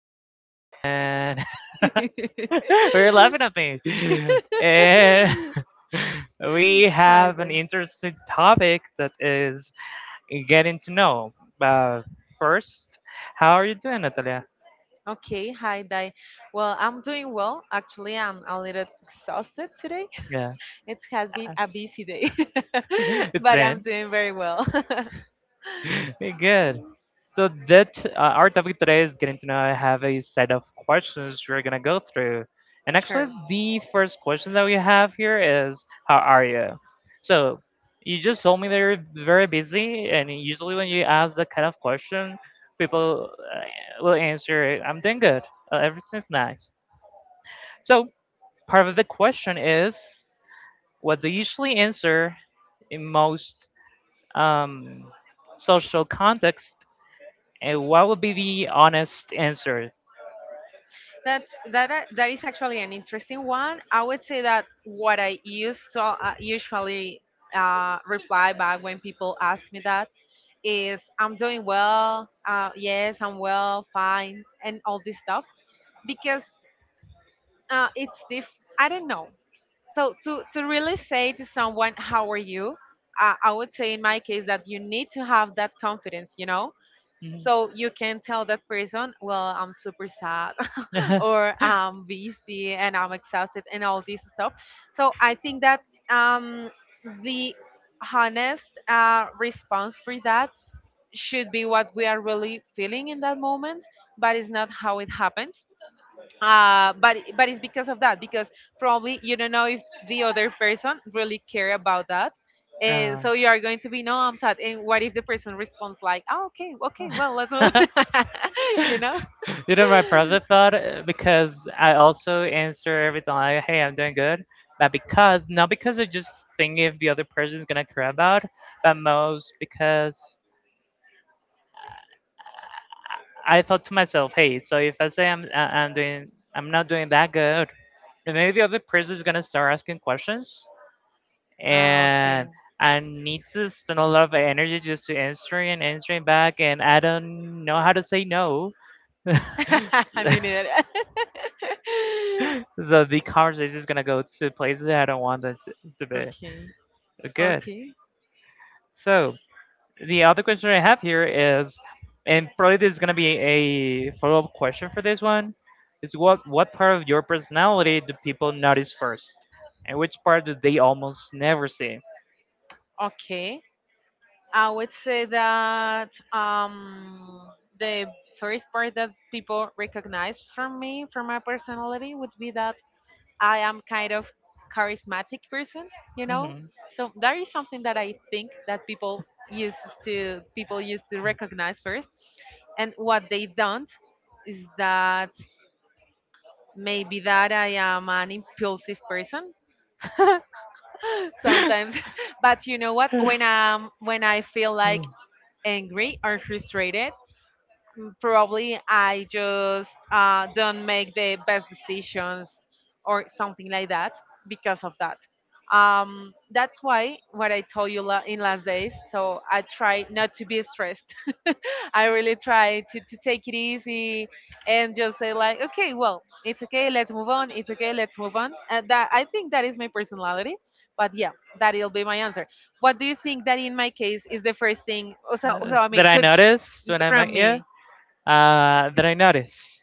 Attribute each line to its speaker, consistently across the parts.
Speaker 1: Natalia and we're laughing at me. And we
Speaker 2: Hi,
Speaker 1: have an
Speaker 2: Dai.
Speaker 1: interesting topic that is getting to know. Uh, First, how are you doing, Natalia?
Speaker 2: Okay, hi, Dai. Well, I'm doing well. Actually, I'm a little exhausted today.
Speaker 1: Yeah.
Speaker 2: It has been a busy day,
Speaker 1: It's
Speaker 2: but I'm
Speaker 1: been.
Speaker 2: doing very well.
Speaker 1: Good. So that our topic today is getting to know. I have a set of questions we're gonna go through, and actually
Speaker 2: Sure.
Speaker 1: the first question that we have here is, "How are you?" So you just told me that you're very busy, and usually when you ask that kind of question, people will answer, "I'm doing good. Everything's nice." So part of the question is, what do you usually answer in most um, social context, and what would be the honest answer?
Speaker 2: That is actually an interesting one. I would say that what I use so usually reply back when people ask me that is I'm doing well, yes, I'm well, fine, and all this stuff because it's diff. I don't know. So to really say to someone, how are you? I would say in my case that you need to have that confidence, you know,
Speaker 1: Mhm.
Speaker 2: so you can tell that person, well, I'm super sad or I'm busy and I'm exhausted and all this stuff. So I think that um, the honest response for that should be what we are really feeling in that moment, but it's not how it happens. But it's because of that because probably you don't know if the other person really care about that.
Speaker 1: Uh.
Speaker 2: So you are going to be no, I'm sad. And what if the person responds like, oh, okay, okay, well, let's move, on," you know?
Speaker 1: My brother thought because I also answer everything like, "Hey, I'm doing good," but because not because I just think if the other person's gonna care about, but most because I thought to myself, "Hey, so if I say I'm doing I'm not doing that good, and maybe the other person is gonna start asking questions
Speaker 2: Ah,
Speaker 1: and
Speaker 2: okay.
Speaker 1: I need to spend a lot of energy just to answering and answering back, and I don't know how to say no." so
Speaker 2: I mean it.
Speaker 1: so the conversation is gonna go to places I don't want it to be.
Speaker 2: Okay,
Speaker 1: Good.
Speaker 2: okay,
Speaker 1: So the other question I have here is, and probably there's gonna be a follow up question for this one. Is what part of your personality do people notice first? And which part do they almost never see?
Speaker 2: okay. I would say that the first part that people recognize from me, from my personality, would be that I am kind of charismatic person, you know.
Speaker 1: Hmm.
Speaker 2: So that is something that I think that used people used to recognize first, and what they don't is that maybe that I am an impulsive person sometimes. But you know what? When I feel like angry or frustrated, probably I just don't make the best decisions or something like that because of that. That's why what I told you in last days. So I try not to be stressed. I really try to take it easy and just say like, okay, well, it's okay, let's move on. It's okay, let's move on. And that I think that is my personality. But yeah, that'll be my answer. What do you think that in my case is the first thing?
Speaker 1: That I noticed
Speaker 2: Y-
Speaker 1: when I
Speaker 2: from
Speaker 1: met you?
Speaker 2: me?
Speaker 1: That I noticed.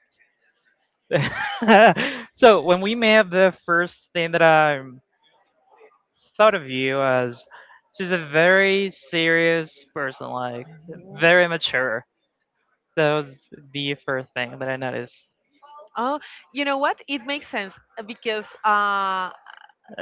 Speaker 1: So when we met, the first thing that I thought of you as, she's a very serious person, like very mature. That was the first thing that I noticed.
Speaker 2: Oh, you know what? It makes sense because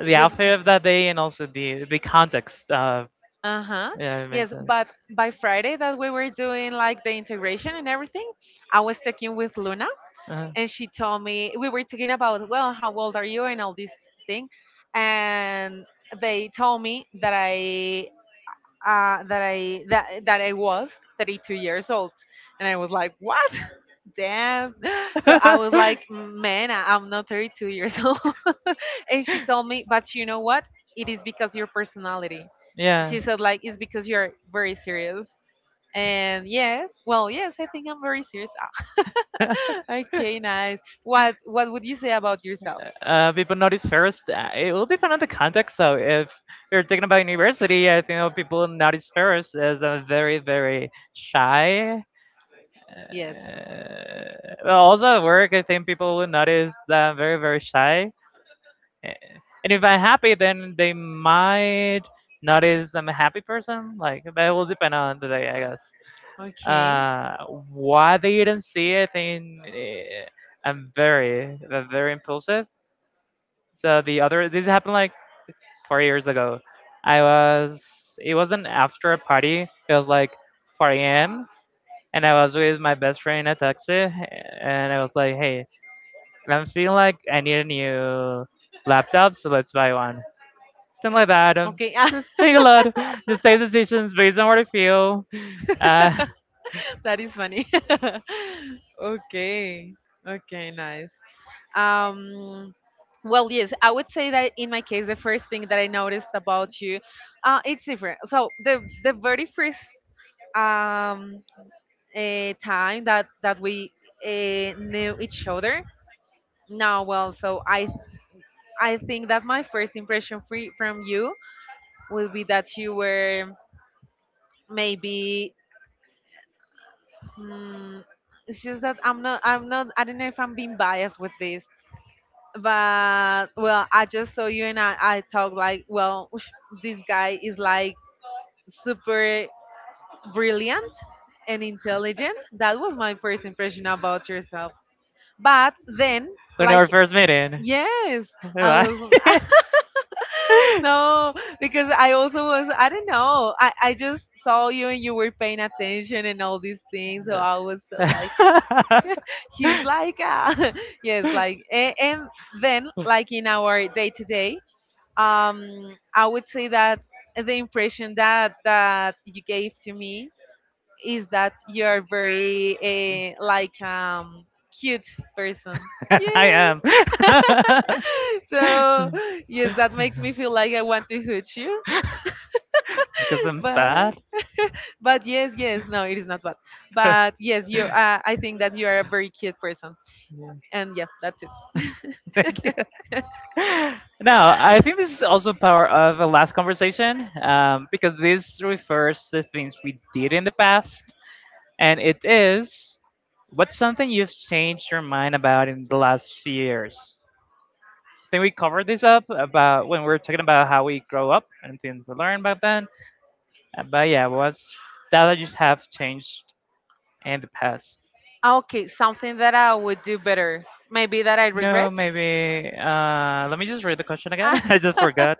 Speaker 1: The
Speaker 2: the
Speaker 1: outfit of that day, and also the context of,
Speaker 2: uh-huh.
Speaker 1: yeah, it makes
Speaker 2: Yes,
Speaker 1: sense.
Speaker 2: but by Friday that we were doing like the integration and everything, I was talking with Luna
Speaker 1: Uh-huh.
Speaker 2: and she told me we were talking about, well, how old are you and all this thing. And they told me that I that I that, that I was 32 years old. And I was like, "What? Damn." So I was like, "Man, I'm not 32 years old." And she told me, but you know what? It is because your personality.
Speaker 1: Yeah.
Speaker 2: She said, like, it's because you're very serious. And yes, well, yes, I think I'm very serious. Okay, nice. What would you say about yourself?
Speaker 1: People notice first. It will depend on the context. So if you're talking about university, I think people notice first as a very, very shy.
Speaker 2: Yes.
Speaker 1: Well, also at work, I think people will notice that I'm very, very shy. Uh, And if I'm happy, then they might notice I'm a happy person. Like, but it will depend on the day, I guess.
Speaker 2: Okay.
Speaker 1: Uh, why they didn't see, I think. I'm very, very impulsive. So the other this happened like 4 years ago. I was It wasn't after a party. It was like 4 a.m. and I was with my best friend in a taxi, and I was like, "Hey, I'm feeling like I need a new laptop, so let's buy one." Something like that.
Speaker 2: Okay.
Speaker 1: Just take a lot, just take decisions based on what I feel. Uh,
Speaker 2: That is funny. Okay. Okay, nice. Um well, yes, I would say that in my case the first thing that I noticed about you it's different. So the very first um time that we knew each other. Now, well, so I think that my first impression free from you will be that you were maybe Mm, it's just that I don't know if I'm being biased with this, but well, I just saw you and I talk like, well, ush, this guy is like super brilliant and intelligent. That was my first impression about yourself. But then,
Speaker 1: when
Speaker 2: like,
Speaker 1: our first meeting.
Speaker 2: yes, I was,
Speaker 1: Bye-bye.
Speaker 2: no, because I also was, I don't know, I just saw you and you were paying attention and all these things. So I was
Speaker 1: Yeah.
Speaker 2: like, he's like a yes like and then like in our day to day I would say that the impression that you gave to me is that you're very cute person,
Speaker 1: I
Speaker 2: yes.
Speaker 1: am.
Speaker 2: So yes that makes me feel like I want to hurt you.
Speaker 1: Because I'm
Speaker 2: But
Speaker 1: fat.
Speaker 2: yes no it is not bad, but yes you I think that you are a very cute person
Speaker 1: Yeah.
Speaker 2: and yeah that's it.
Speaker 1: Thank you. Now, I think this is also part of the last conversation because this refers to things we did in the past. And it is, what's something you've changed your mind about in the last few years? I think we covered this up about when we were talking about how we grow up and things we learn back then. But yeah, what's that that you have changed in the past?
Speaker 2: Ah, okay, something that I would do better. Maybe that I
Speaker 1: No,
Speaker 2: regret?
Speaker 1: maybe. Let me just read the question again.
Speaker 2: Ah,
Speaker 1: I just forgot.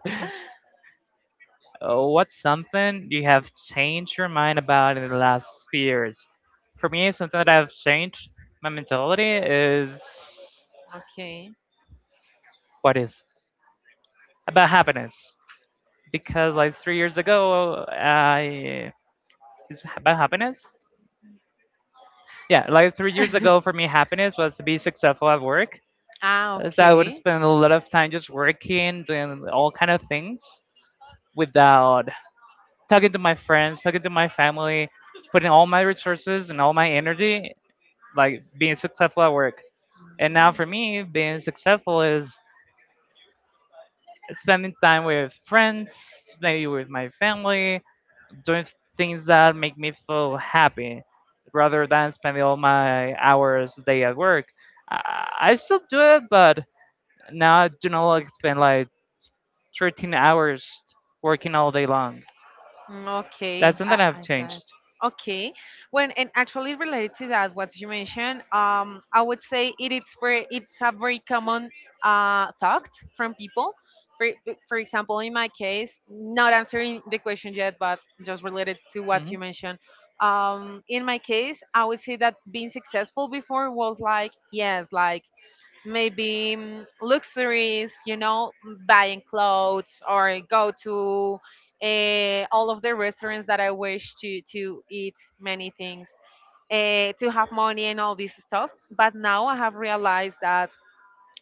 Speaker 1: What's something you have changed your mind about in the last few years? For me, something that I've changed my mentality is
Speaker 2: okay.
Speaker 1: what is about happiness. Because like 3 years ago, I it's about happiness. Yeah, like 3 years ago, for me, happiness was to be successful at work.
Speaker 2: Ah,
Speaker 1: So I would
Speaker 2: okay.
Speaker 1: spend a lot of time just working, doing all kind of things without talking to my friends, talking to my family, putting all my resources and all my energy like being successful at work. And now for me, being successful is spending time with friends, maybe with my
Speaker 2: Mm.
Speaker 1: family, doing things that make me feel happy rather than spending all my hours a day at work. I still do it, but now I do not like spend like 13 hours working all day long.
Speaker 2: Mm, okay,
Speaker 1: That's something I've
Speaker 2: I got it.
Speaker 1: changed.
Speaker 2: Okay, when and actually related to that, what you mentioned, I would say it is very, it's a very common thought from people. For for example, in my case, not answering the question yet, but just related to what
Speaker 1: Hmm.
Speaker 2: you mentioned. In my case, I would say that being successful before was like yes, like maybe mm, luxuries, you know, buying clothes or go to all of the restaurants that I wish to eat many things, to have money and all this stuff. But now I have realized that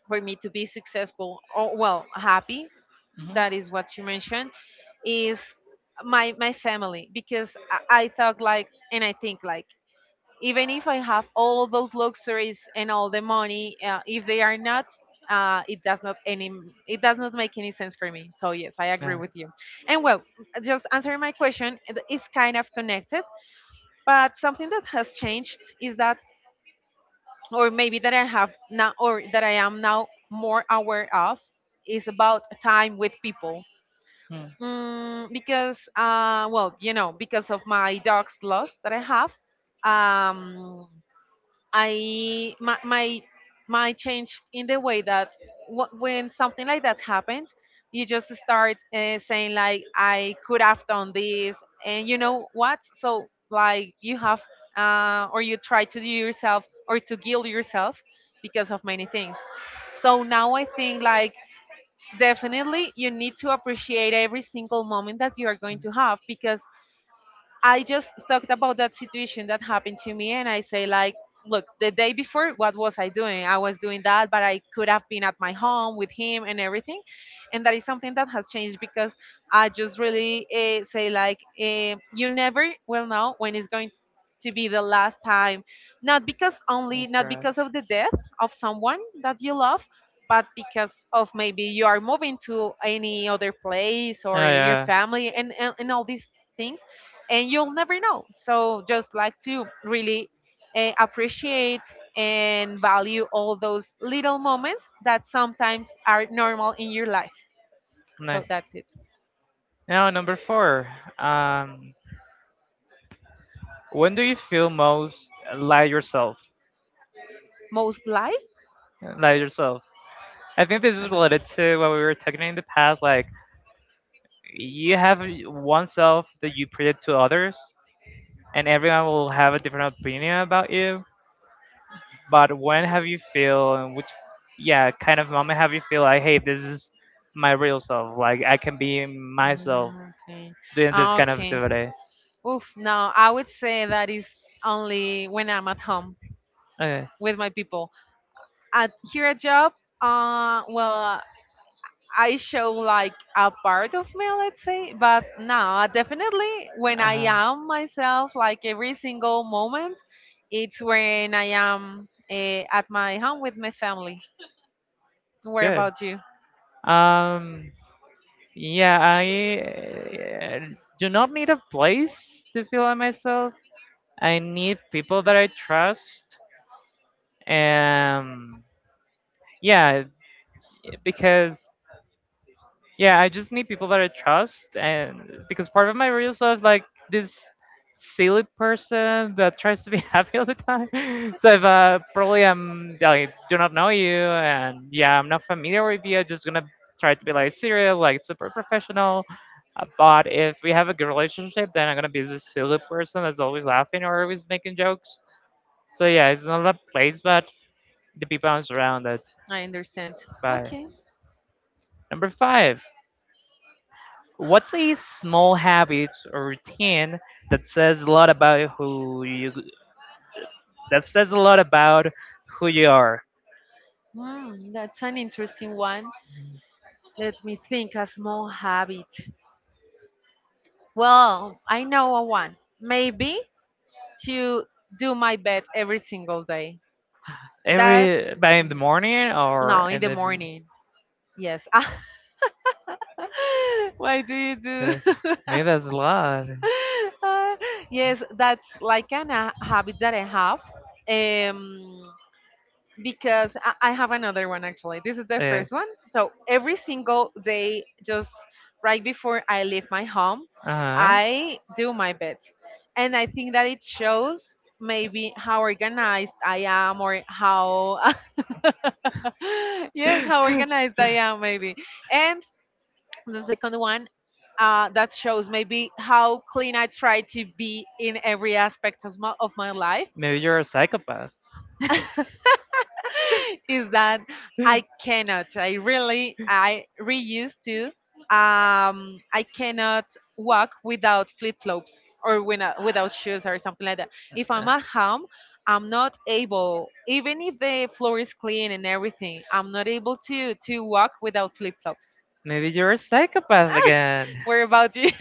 Speaker 2: for me to be successful or well happy,
Speaker 1: Hmm.
Speaker 2: that is what you mentioned, is my family because I thought like and I think like even if I have all those luxuries and all the money, if they are not, uh, it does not any, it does not make any sense for me. So yes, I agree
Speaker 1: Yeah.
Speaker 2: with you. And well, just answering my question, it's kind of connected, but something that has changed is that, or maybe that I have now, or that I am now more aware of, is about time with people.
Speaker 1: Mm.
Speaker 2: Mm, because, well, you know, because of my dog's loss that I have, um I my my, my changed in the way that when something like that happens, you just start saying like I could have done this, and you know what? So like you have or you try to do yourself or to guilt yourself because of many things. So now I think like definitely you need to appreciate every single moment that you are going to have because I just talked about that situation that happened to me and I say like, look, the day before, what was I doing? I was doing that, but I could have been at my home with him and everything. And that is something that has changed because I just really say like, eh, you never will know when it's going to be the last time. Not because only,
Speaker 1: That's
Speaker 2: not
Speaker 1: correct.
Speaker 2: because of the death of someone that you love, but because of maybe you are moving to any other place or
Speaker 1: Yeah,
Speaker 2: your
Speaker 1: yeah.
Speaker 2: family and all these things and you'll never know. So just like to really appreciate and value all those little moments that sometimes are normal in your life. So
Speaker 1: Nice.
Speaker 2: that's it.
Speaker 1: Now number four. Um, When do you feel most like yourself?
Speaker 2: Most life.
Speaker 1: Like yourself. I think this
Speaker 2: I
Speaker 1: is
Speaker 2: don't know.
Speaker 1: related to what we were talking in the past. Like, you have one self that you project to others, and everyone will have a different opinion about you. But when have you feel, and which, yeah, kind of moment have you feel like, hey, this is my real self. Like, I can be myself
Speaker 2: Mm, okay.
Speaker 1: doing this kind of
Speaker 2: Okay.
Speaker 1: activity.
Speaker 2: Oof. No, I would say that is only when I'm at home
Speaker 1: Okay.
Speaker 2: with my people. At here at job, well, I show like a part of me, let's say, but no, definitely when I
Speaker 1: Uh-huh.
Speaker 2: am myself, like every single moment, it's when I am at my home with my family. What
Speaker 1: Good.
Speaker 2: about you?
Speaker 1: Um, Yeah, I do not need a place to feel like myself. I need people that I trust. Um, yeah, because Yeah, I just need people that I trust, and because part of my real self, like this silly person that tries to be happy all the time. So if probably I'm like do not know you, and yeah, I'm not familiar with you. I'm just gonna try to be like serious, like super professional. But if we have a good relationship, then I'm gonna be this silly person that's always laughing or always making jokes. So yeah, it's not a place, but the people I'm surrounded
Speaker 2: I understand.
Speaker 1: by.
Speaker 2: Okay.
Speaker 1: Number five. What's a small habit or routine that says a lot about who you that says a lot about who you are?
Speaker 2: Hmm, that's an interesting one. Let me think a small habit. Well, I know a one. Maybe to do my bed every single day. That's
Speaker 1: Every by in the morning or
Speaker 2: no, in
Speaker 1: in
Speaker 2: the morning. Yes.
Speaker 1: the
Speaker 2: Why do you do?
Speaker 1: uh, maybe that's a lot.
Speaker 2: Uh, yes, that's like a habit that I have. Um, because I have another one actually. This is the
Speaker 1: Uh,
Speaker 2: first one. So every single day, just right before I leave my home,
Speaker 1: uh-huh.
Speaker 2: I do my bed. And I think that it shows maybe how organized I am or how, yes, how organized I am maybe. And the second one that shows maybe how clean I try to be in every aspect of of my life
Speaker 1: Maybe you're a psychopath.
Speaker 2: is that I cannot. I really used to. I cannot walk without flip flops or without shoes or something like that. If I'm at home, I'm not able, even if the floor is clean and everything, I'm not able to walk without flip flops.
Speaker 1: Maybe you're a psychopath again.
Speaker 2: Where about you?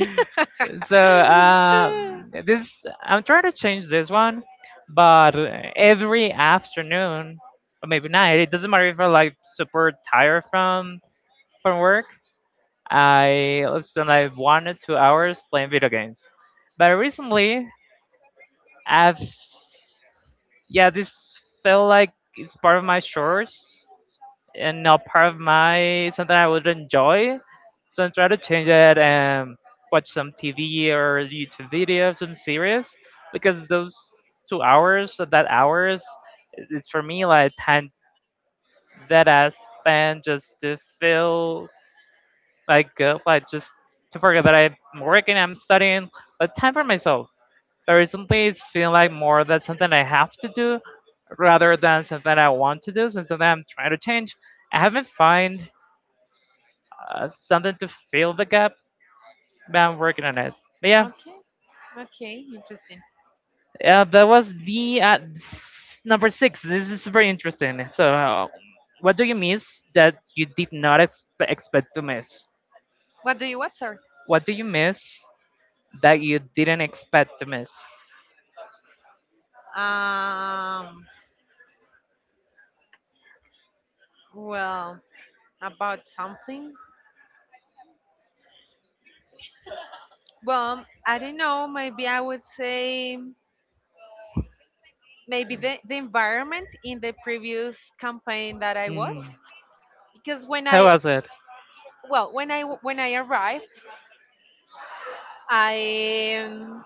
Speaker 1: So this I'm trying to change this one, but every afternoon or maybe night, it doesn't matter if I'm like super tired from work. I spend like 1 or 2 hours playing video games. But recently, I've yeah, this felt like it's part of my chores and not part of my something I would enjoy. So I try to change it and watch some TV or YouTube videos, some series, because those 2 hours, or that hours, it's for me like time that I spend just to feel like good, like just to forget that I'm working, I'm studying, but time for myself. But recently, it's feeling like more that something I have to do rather than something I want to do. So something I'm trying to change. I haven't find something to fill the gap, but I'm
Speaker 2: we
Speaker 1: working on it. But yeah,
Speaker 2: Okay, okay, interesting.
Speaker 1: that was the number six. This is very interesting. So, what do you miss that you did not expect to miss?
Speaker 2: What do you watch, sir?
Speaker 1: What do you miss that you didn't expect to miss?
Speaker 2: Um, well, about something. Well, I don't know. Maybe I would say maybe the environment in the previous campaign that I was,
Speaker 1: Mm.
Speaker 2: because
Speaker 1: How was it?
Speaker 2: when I arrived, I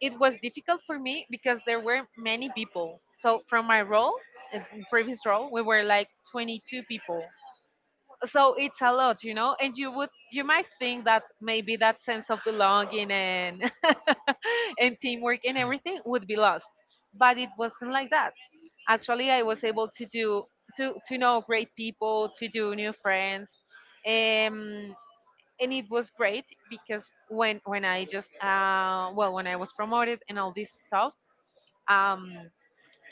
Speaker 2: it was difficult for me because there were many people. So from my role, uh, previous role, we were like 22 people. So it's a lot, you know. And you would, you might think that maybe that sense of belonging and and teamwork and everything would be lost, but it wasn't like that. Actually, I was able to know great people, to do new friends. Um, and it was great because when I just when I was promoted and all this stuff, um,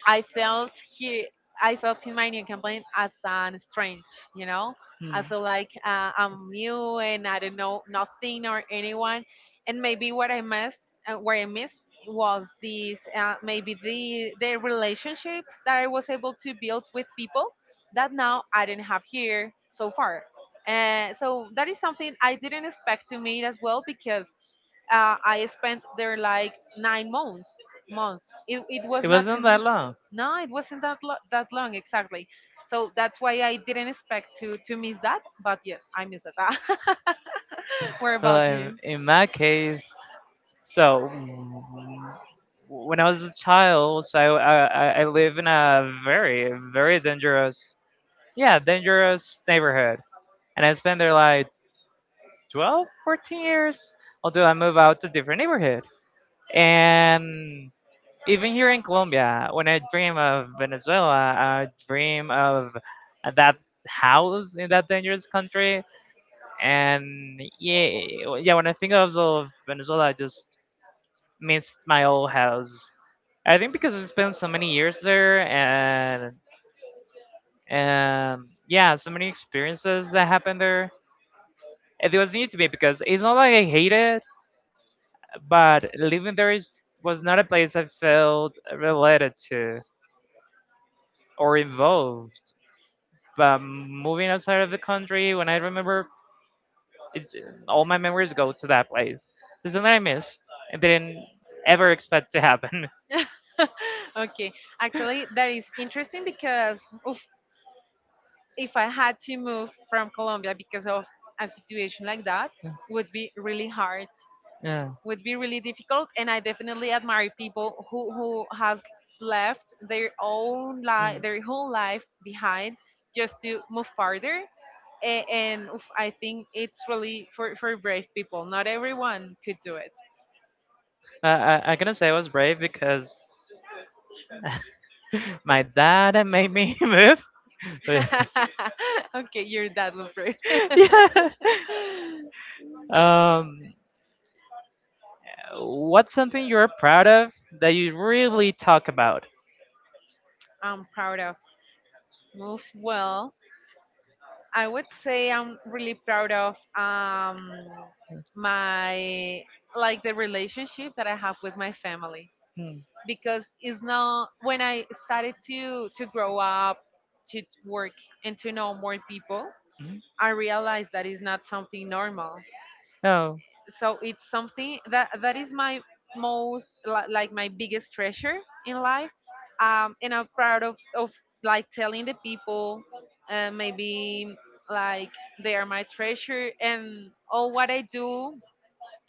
Speaker 2: I felt here. I felt in my new campaign as an strange, you know. I feel like I'm new and I don't know nothing or anyone, and maybe what I missed was these maybe the relationships that I was able to build with people that now I didn't have here so far. So that is something I didn't expect to meet as well because I spent there like 9 months. Months. It was not too
Speaker 1: Wasn't
Speaker 2: much.
Speaker 1: that long.
Speaker 2: No, it wasn't that long exactly. So that's why I didn't expect to miss that. But yes, I missed that. Where
Speaker 1: Well,
Speaker 2: about
Speaker 1: in,
Speaker 2: you?
Speaker 1: in my case, so when I was a child, so I live in a very very dangerous, yeah, dangerous neighborhood, and I spent there like 12, 14 years until I move out to different neighborhood. And even here in Colombia, when I dream of Venezuela, I dream of that house in that dangerous country. And yeah, yeah, when I think of Venezuela, I just missed my old house. I think because I spent so many years there, and yeah, so many experiences that happened there. It was new to me because it's not like I hate it, but living there is was not a place I felt related to or involved. But moving outside of the country, when I remember, it's all my memories go to that place. It's something I missed and didn't ever expect to happen.
Speaker 2: Okay, actually, that is interesting because oof, if I had to move from Colombia because of a situation like that, would be really hard.
Speaker 1: Yeah.
Speaker 2: Would be really difficult, and I definitely admire people who has left
Speaker 1: Mm.
Speaker 2: their whole life behind just to move farther. Oof, I think it's really for brave people. Not everyone could do it.
Speaker 1: I gonna say I was brave because my dad made me move. But-
Speaker 2: Okay, your dad was brave.
Speaker 1: yeah. Um, what's something you're proud of that you really talk about?
Speaker 2: I'm proud of move well, I would say I'm really proud of, my, like, the relationship that I have with my family, because it's not — when I started to grow up, to work and to know more people,
Speaker 1: Mm-hmm.
Speaker 2: I realized that it's not something normal.
Speaker 1: Oh.
Speaker 2: So it's something that is my like my biggest treasure in life, and I'm proud of like telling the people, maybe like they are my treasure and all what I do,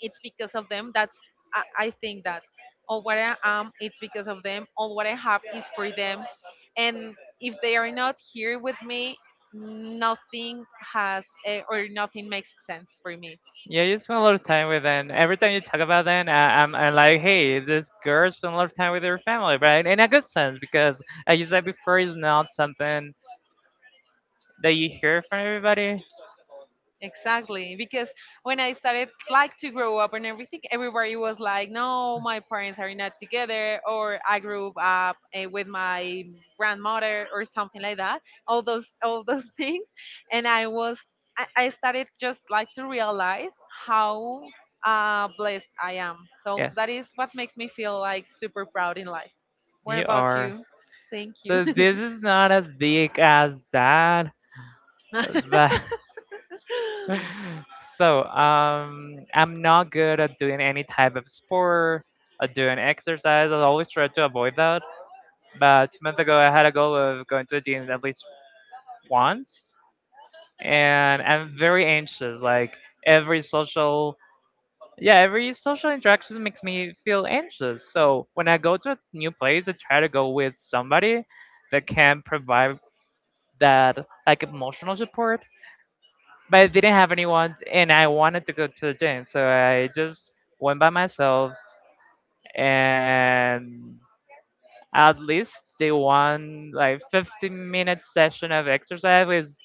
Speaker 2: it's because of them. That's — I think that, or what I am, it's because of them, or what I have is for them, and if they are not here with me, nothing has eh, or nothing makes sense for me.
Speaker 1: Yeah, you spend a lot of time with them. Every time you talk about them, I'm like, hey, this girl spent a lot of time with her family, right? In a good sense, because as you said before, it's not something that you hear from everybody.
Speaker 2: Exactly, because when I started like to grow up and everything, everybody was like, "No, my parents are not together," or I grew up with my grandmother or something like that. All those things, and I started just like to realize how blessed I am. So
Speaker 1: Yes,
Speaker 2: that is what makes me feel like super proud in life. What
Speaker 1: you
Speaker 2: about
Speaker 1: are.
Speaker 2: you? Thank you.
Speaker 1: So this is not as big as that, but so I'm not good at doing any type of sport, at doing exercise. I always try to avoid that. But 2 months ago, I had a goal of going to the gym at least once, and I'm very anxious. Like, every social, yeah, every social interaction makes me feel anxious. So when I go to a new place, I try to go with somebody that can provide that like emotional support, but I didn't have anyone, and I wanted to go to the gym, so I just went by myself, and at least the one like 15-minute session of exercise with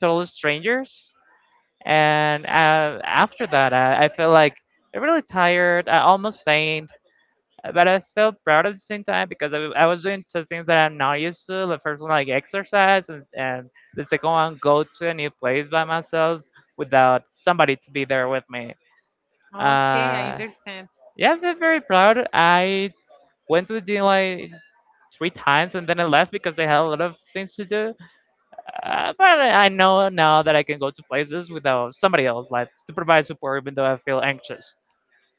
Speaker 1: total strangers, and after that I felt like really tired, I almost faint. But I felt proud at the same time because I was doing two things that I'm not used to. The first one, like exercise, and the second one, go to a new place by myself without somebody to be there with me.
Speaker 2: Okay, I
Speaker 1: Uh,
Speaker 2: understand.
Speaker 1: yeah, I felt very proud. I went to the gym like three times and then I left because I had a lot of things to do. But I know now that I can go to places without somebody else, like to provide support, even though I feel anxious.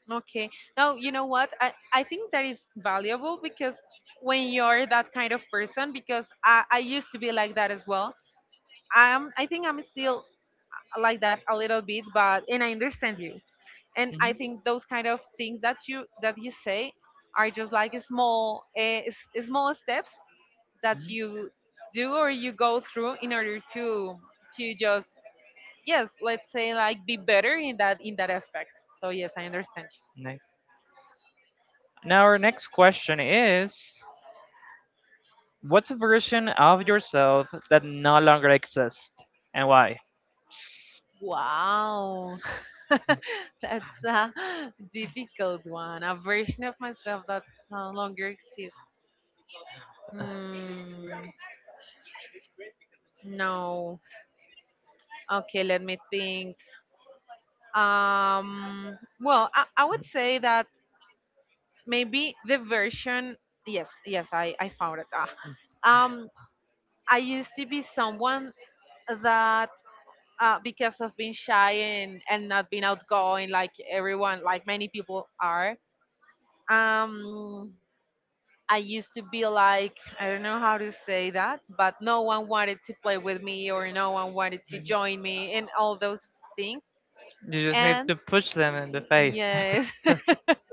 Speaker 2: Okay. Now, you know what? I think that is valuable because when you're that kind of person. Because I used to be like that as well. I think I'm still like that a little bit, but, and I understand you. And I
Speaker 1: Mhm.
Speaker 2: think those kind of things that you say are just like small, small steps that
Speaker 1: Mhm.
Speaker 2: you do or you go through in order to just, yes, let's say, like, be better in that aspect. So yes, I understand.
Speaker 1: Nice. Now, our next question is: what's a version of yourself that no longer exists and why?
Speaker 2: Wow. That's a difficult one. A version of myself that no longer exists. Mm, no. Okay, let me think. Well, I would say that maybe the version. Yes, yes, I found it. Ah. Um, I used to be someone that, because of being shy and not being outgoing like everyone, like many people are, um I used to be like, I don't know how to say that, but no one wanted to play with me or no one wanted to join me and all those things.
Speaker 1: You just need
Speaker 2: And
Speaker 1: to push them in the face.
Speaker 2: yes.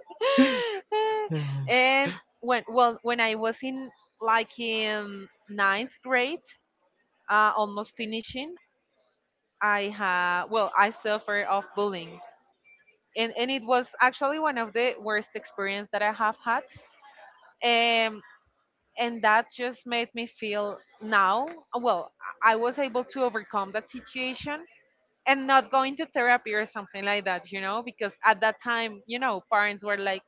Speaker 2: And when — well, when I was in, like, in ninth grade, almost finishing, I ha well, I suffer of bullying. And it was actually one of the worst experience that I have had. And that just made me feel now, well, I was able to overcome that situation and not going to therapy or something like that, because at that time, parents were like,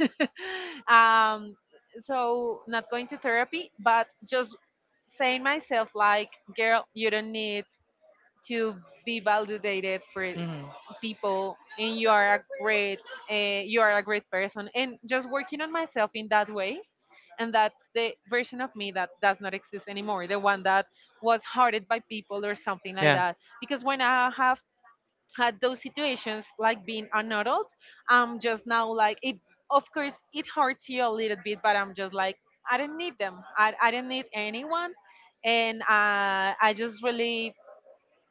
Speaker 2: um so not going to therapy but just saying myself like, girl, you don't need to be validated for
Speaker 1: Hmm.
Speaker 2: people, and you are a great, uh, you are a great person, and just working on myself in that way. And that's the version of me that does not exist anymore, the one that was hurted by people or something like
Speaker 1: Yeah,
Speaker 2: that, because when I have had those situations like being an adult, I'm just now like it, of course it hurts you a little bit, but I'm just like, I don't need them. I don't need anyone. And I just really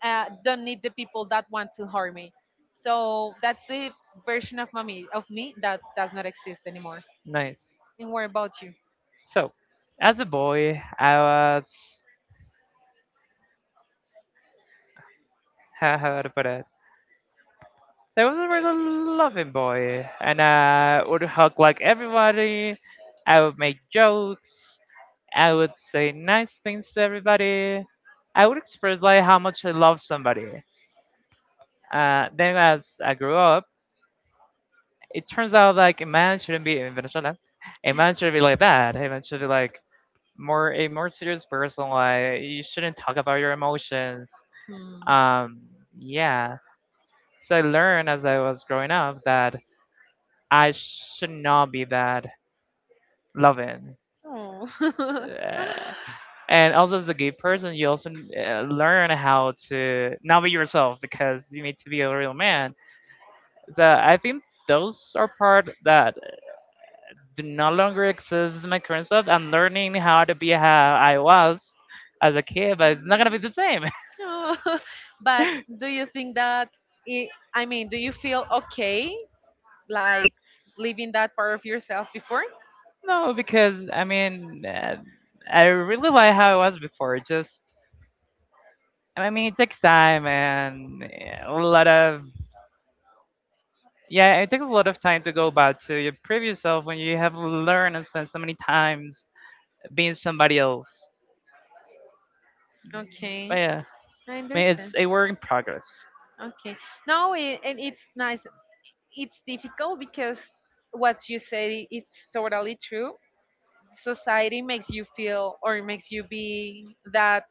Speaker 2: don't need the people that want to harm me. So that's the version of mommy of me that does not exist anymore.
Speaker 1: nice.
Speaker 2: And what about you?
Speaker 1: So, as a boy, I was. How to put it? So I was a really loving boy, and I would hug like everybody. I would make jokes. I would say nice things to everybody. I would express like how much I love somebody. Then as I grew up, it turns out like a man shouldn't be in Venezuela. A man should be like that. A man should be like more a more serious person. Like you shouldn't talk about your emotions.
Speaker 2: Hmm.
Speaker 1: Um, yeah. So I learned as I was growing up that I should not be that loving.
Speaker 2: Oh.
Speaker 1: Uh, and also as a gay person, you also learn how to not be yourself because you need to be a real man. So I think those are part that do no longer exist in my current self. I'm learning how to be how I was as a kid, but it's not gonna be the same.
Speaker 2: No. But do you think that I mean, do you feel okay, like, leaving that part of yourself before?
Speaker 1: No, because I mean, I really like how I was before. Just I mean, it takes time and a lot of. Yeah, it takes a lot of time to go back to your previous self when you have learned and spent so many times being somebody else. But
Speaker 2: Okay,
Speaker 1: yeah,
Speaker 2: I
Speaker 1: I mean, it's
Speaker 2: understand.
Speaker 1: a work in progress.
Speaker 2: Okay. No, and it's nice. It's difficult because what you say it's totally true. Society makes you feel or makes you be that,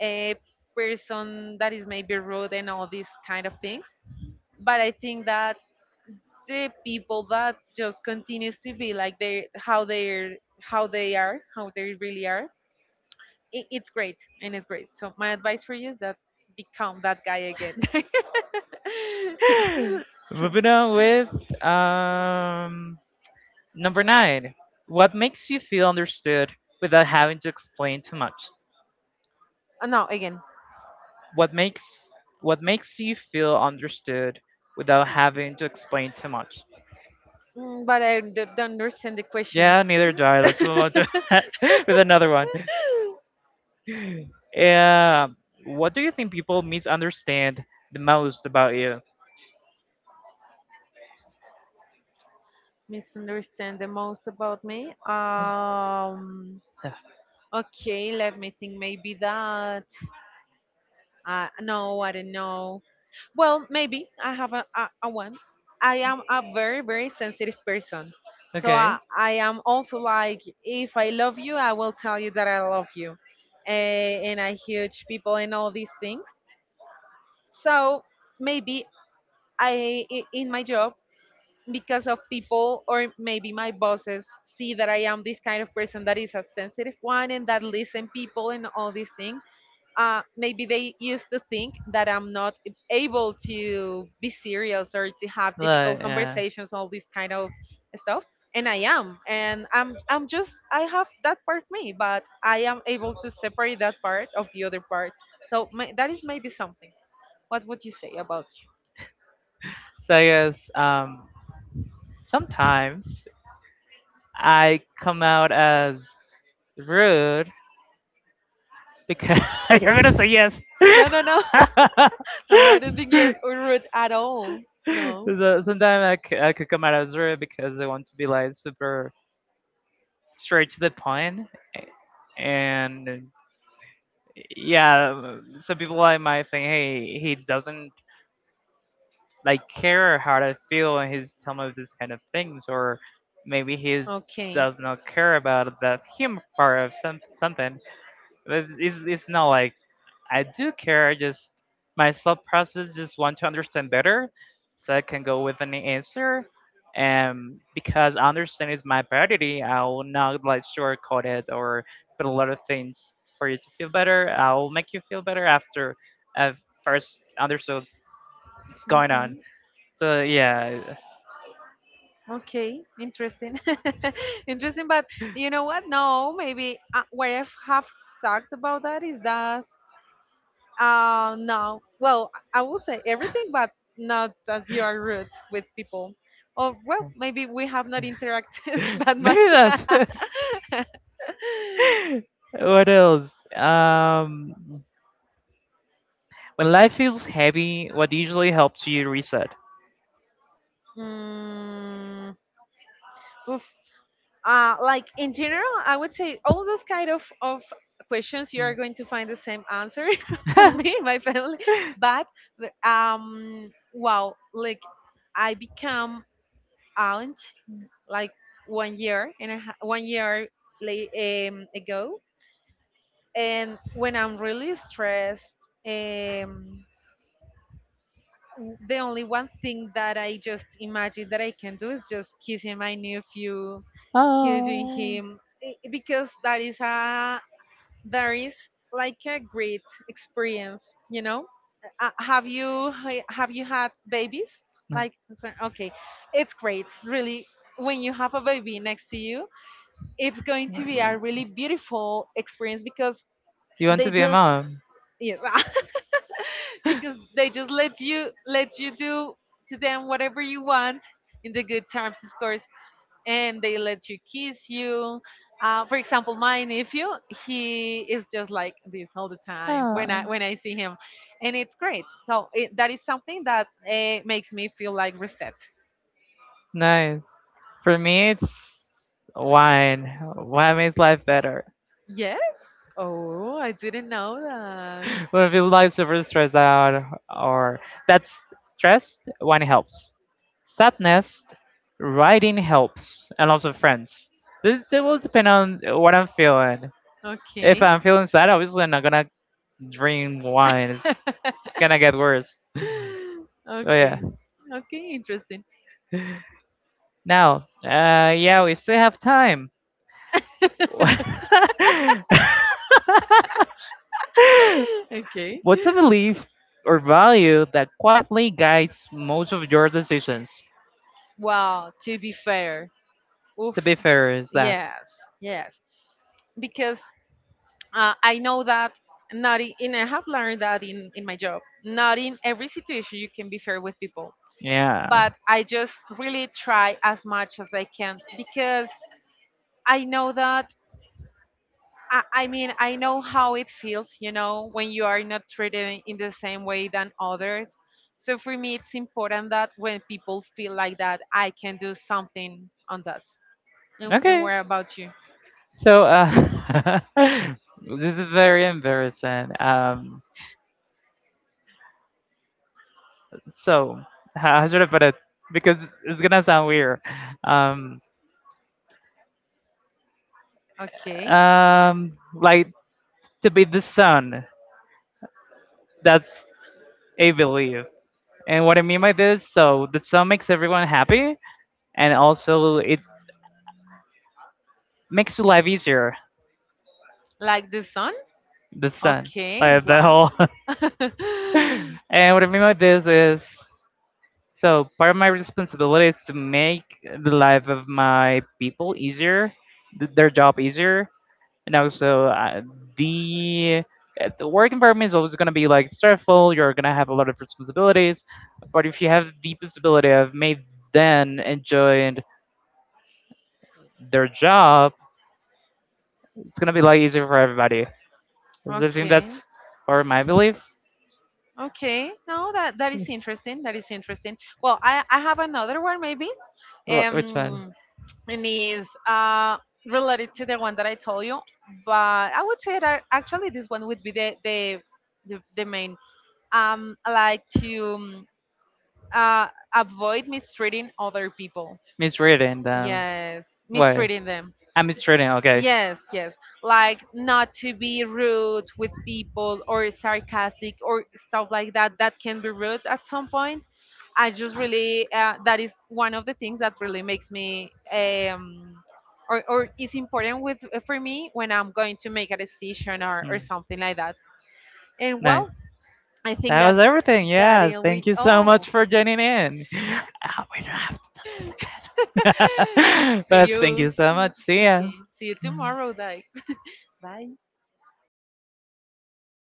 Speaker 2: a person that is maybe rude and all these kind of things. But I think that the people that just continues to be like they, how they really are, it's great, and it's great. So my advice for you is that become that guy again.
Speaker 1: Moving on with number nine. What makes you feel understood without having to explain too much?
Speaker 2: No, again.
Speaker 1: What makes what makes you feel understood without having to explain too much?
Speaker 2: Mm, but don't understand the question.
Speaker 1: Yeah, neither do I. Let's move on to with another one. Yeah. What do you think people misunderstand the most about you?
Speaker 2: Misunderstand the most about me, okay, let me think, maybe that — no, I don't know. Well, maybe I have a one. I am a very, very sensitive person. So
Speaker 1: Okay.
Speaker 2: I am also like, if I love you, I will tell you that I love you. And I huge people and all these things. So maybe in my job, because of people or maybe my bosses see that I am this kind of person that is a sensitive one and that listen people and all these things, maybe they used to think that I'm not able to be serious or to have difficult conversations, all this kind of stuff. And and I'm just, I have that part of me, but I am able to separate that part of the other part. So that is maybe something. What would you say about you?
Speaker 1: Stuff. So I guess sometimes I come out as rude because you're gonna say yes.
Speaker 2: No, no, no. No, I don't think you're rude at all. No.
Speaker 1: So, sometimes I could come out of zero because I want to be like super straight to the point. And yeah, some people like might think, hey, he doesn't like care how I feel and he's telling me this kind of things, or maybe he
Speaker 2: Okay.
Speaker 1: does not care about that humor part of some something. But it's not like I do care. Just my thought process just want to understand better, so I can go with an answer. And because understand is my priority, I will not like shortcut it or put a lot of things for you to feel better. I will make you feel better after I've first understood what's going
Speaker 2: Hmm.
Speaker 1: on. So yeah,
Speaker 2: Okay, interesting. Interesting, but you know what? No, maybe what I have talked about, that is that — no, well, I will say everything, but not that you are rude with people. Or well, maybe we have not interacted that
Speaker 1: maybe
Speaker 2: much.
Speaker 1: that's what else. When life feels heavy, what usually helps you reset?
Speaker 2: mm, oof, like in general, I would say all those kind of questions you are
Speaker 1: Mm.
Speaker 2: going to find the same answer from me, my family. But wow, like I become aunt like one year one year late, ago, and when I'm really stressed, um, the only one thing that I just imagine that I can do is just kiss him. I knew if you hugging
Speaker 1: Oh.
Speaker 2: him, because that is a there is like a great experience, you know. Have you have you had babies?
Speaker 1: No.
Speaker 2: Okay, it's great, really. When you have a baby next to you, it's going to be a
Speaker 1: Mm.
Speaker 2: really beautiful experience because
Speaker 1: You want to
Speaker 2: they
Speaker 1: be a
Speaker 2: just,
Speaker 1: mom?
Speaker 2: yes, because they just let you do to them whatever you want, in the good times, of course, and they let you kiss you. For example, my nephew, he is just like this all the time when I
Speaker 1: Oh.
Speaker 2: when I see him. And it's great, so that is something that makes me feel like reset.
Speaker 1: Nice. For me, it's wine. Wine makes life better.
Speaker 2: Yes. Oh, I didn't know that.
Speaker 1: When we feel like super stressed out or that's stressed, whining helps. Sadness, writing helps, and also friends. This it will depend on what I'm feeling. If
Speaker 2: Okay.
Speaker 1: I'm feeling sad, obviously I'm not gonna drink wine. It's gonna get worse. Oh yeah.
Speaker 2: Okay. Okay, interesting.
Speaker 1: Now, yeah, we still have time.
Speaker 2: Okay.
Speaker 1: What's a belief or value that quietly guides most of your decisions?
Speaker 2: Well, to be fair,
Speaker 1: To
Speaker 2: oof,
Speaker 1: be fair, is that.
Speaker 2: yes, yes, because I know that not in, and I have learned that in my job, not in every situation you can be fair with people,
Speaker 1: Yeah.
Speaker 2: but I just really try as much as I can because I know that I mean, I know how it feels, when you are not treated in the same way than others. So for me, it's important that when people feel like that, I can do something on that. And
Speaker 1: Okay.
Speaker 2: where about you?
Speaker 1: So, this is very embarrassing. So how should I put it? Because it's gonna sound weird. Um,
Speaker 2: Okay.
Speaker 1: like to be the sun. That's a belief. And what I mean by this, so the sun makes everyone happy, and also it makes your life easier.
Speaker 2: Like the sun?
Speaker 1: The sun,
Speaker 2: Okay.
Speaker 1: like the
Speaker 2: Wow.
Speaker 1: whole.
Speaker 2: Okay.
Speaker 1: And what I mean by this is, so part of my responsibility is to make the life of my people easier, th- their job easier, and also the the work environment is always going to be like stressful. You're going to have a lot of responsibilities, but if you have the possibility of made them enjoy their job, it's going to be like easier for everybody. So I think that's part of my belief.
Speaker 2: Okay. No, that is interesting. That is interesting. Well, I have another one maybe.
Speaker 1: Wh- which one?
Speaker 2: Um and is related to the one that I told you. But I would say that actually this one would be the main. I like to uh, avoid mistreating other people.
Speaker 1: Misreading them.
Speaker 2: Yes,
Speaker 1: Why?
Speaker 2: mistreating them.
Speaker 1: I'm misreading. Okay.
Speaker 2: Yes, yes. Like not to be rude with people or sarcastic or stuff like that. That can be rude at some point. I just really that is one of the things that really makes me or is important with for me when I'm going to make a decision or
Speaker 1: Mm,
Speaker 2: something like that. And well,
Speaker 1: nice.
Speaker 2: I think
Speaker 1: That was
Speaker 2: that
Speaker 1: everything.
Speaker 2: that
Speaker 1: Yeah.
Speaker 2: it
Speaker 1: Thank
Speaker 2: we
Speaker 1: you so
Speaker 2: oh
Speaker 1: much for joining in. We don't have to do this again.
Speaker 2: see
Speaker 1: But thank
Speaker 2: you.
Speaker 1: you so much. See ya.
Speaker 2: Okay, see you tomorrow, Dike. Bye.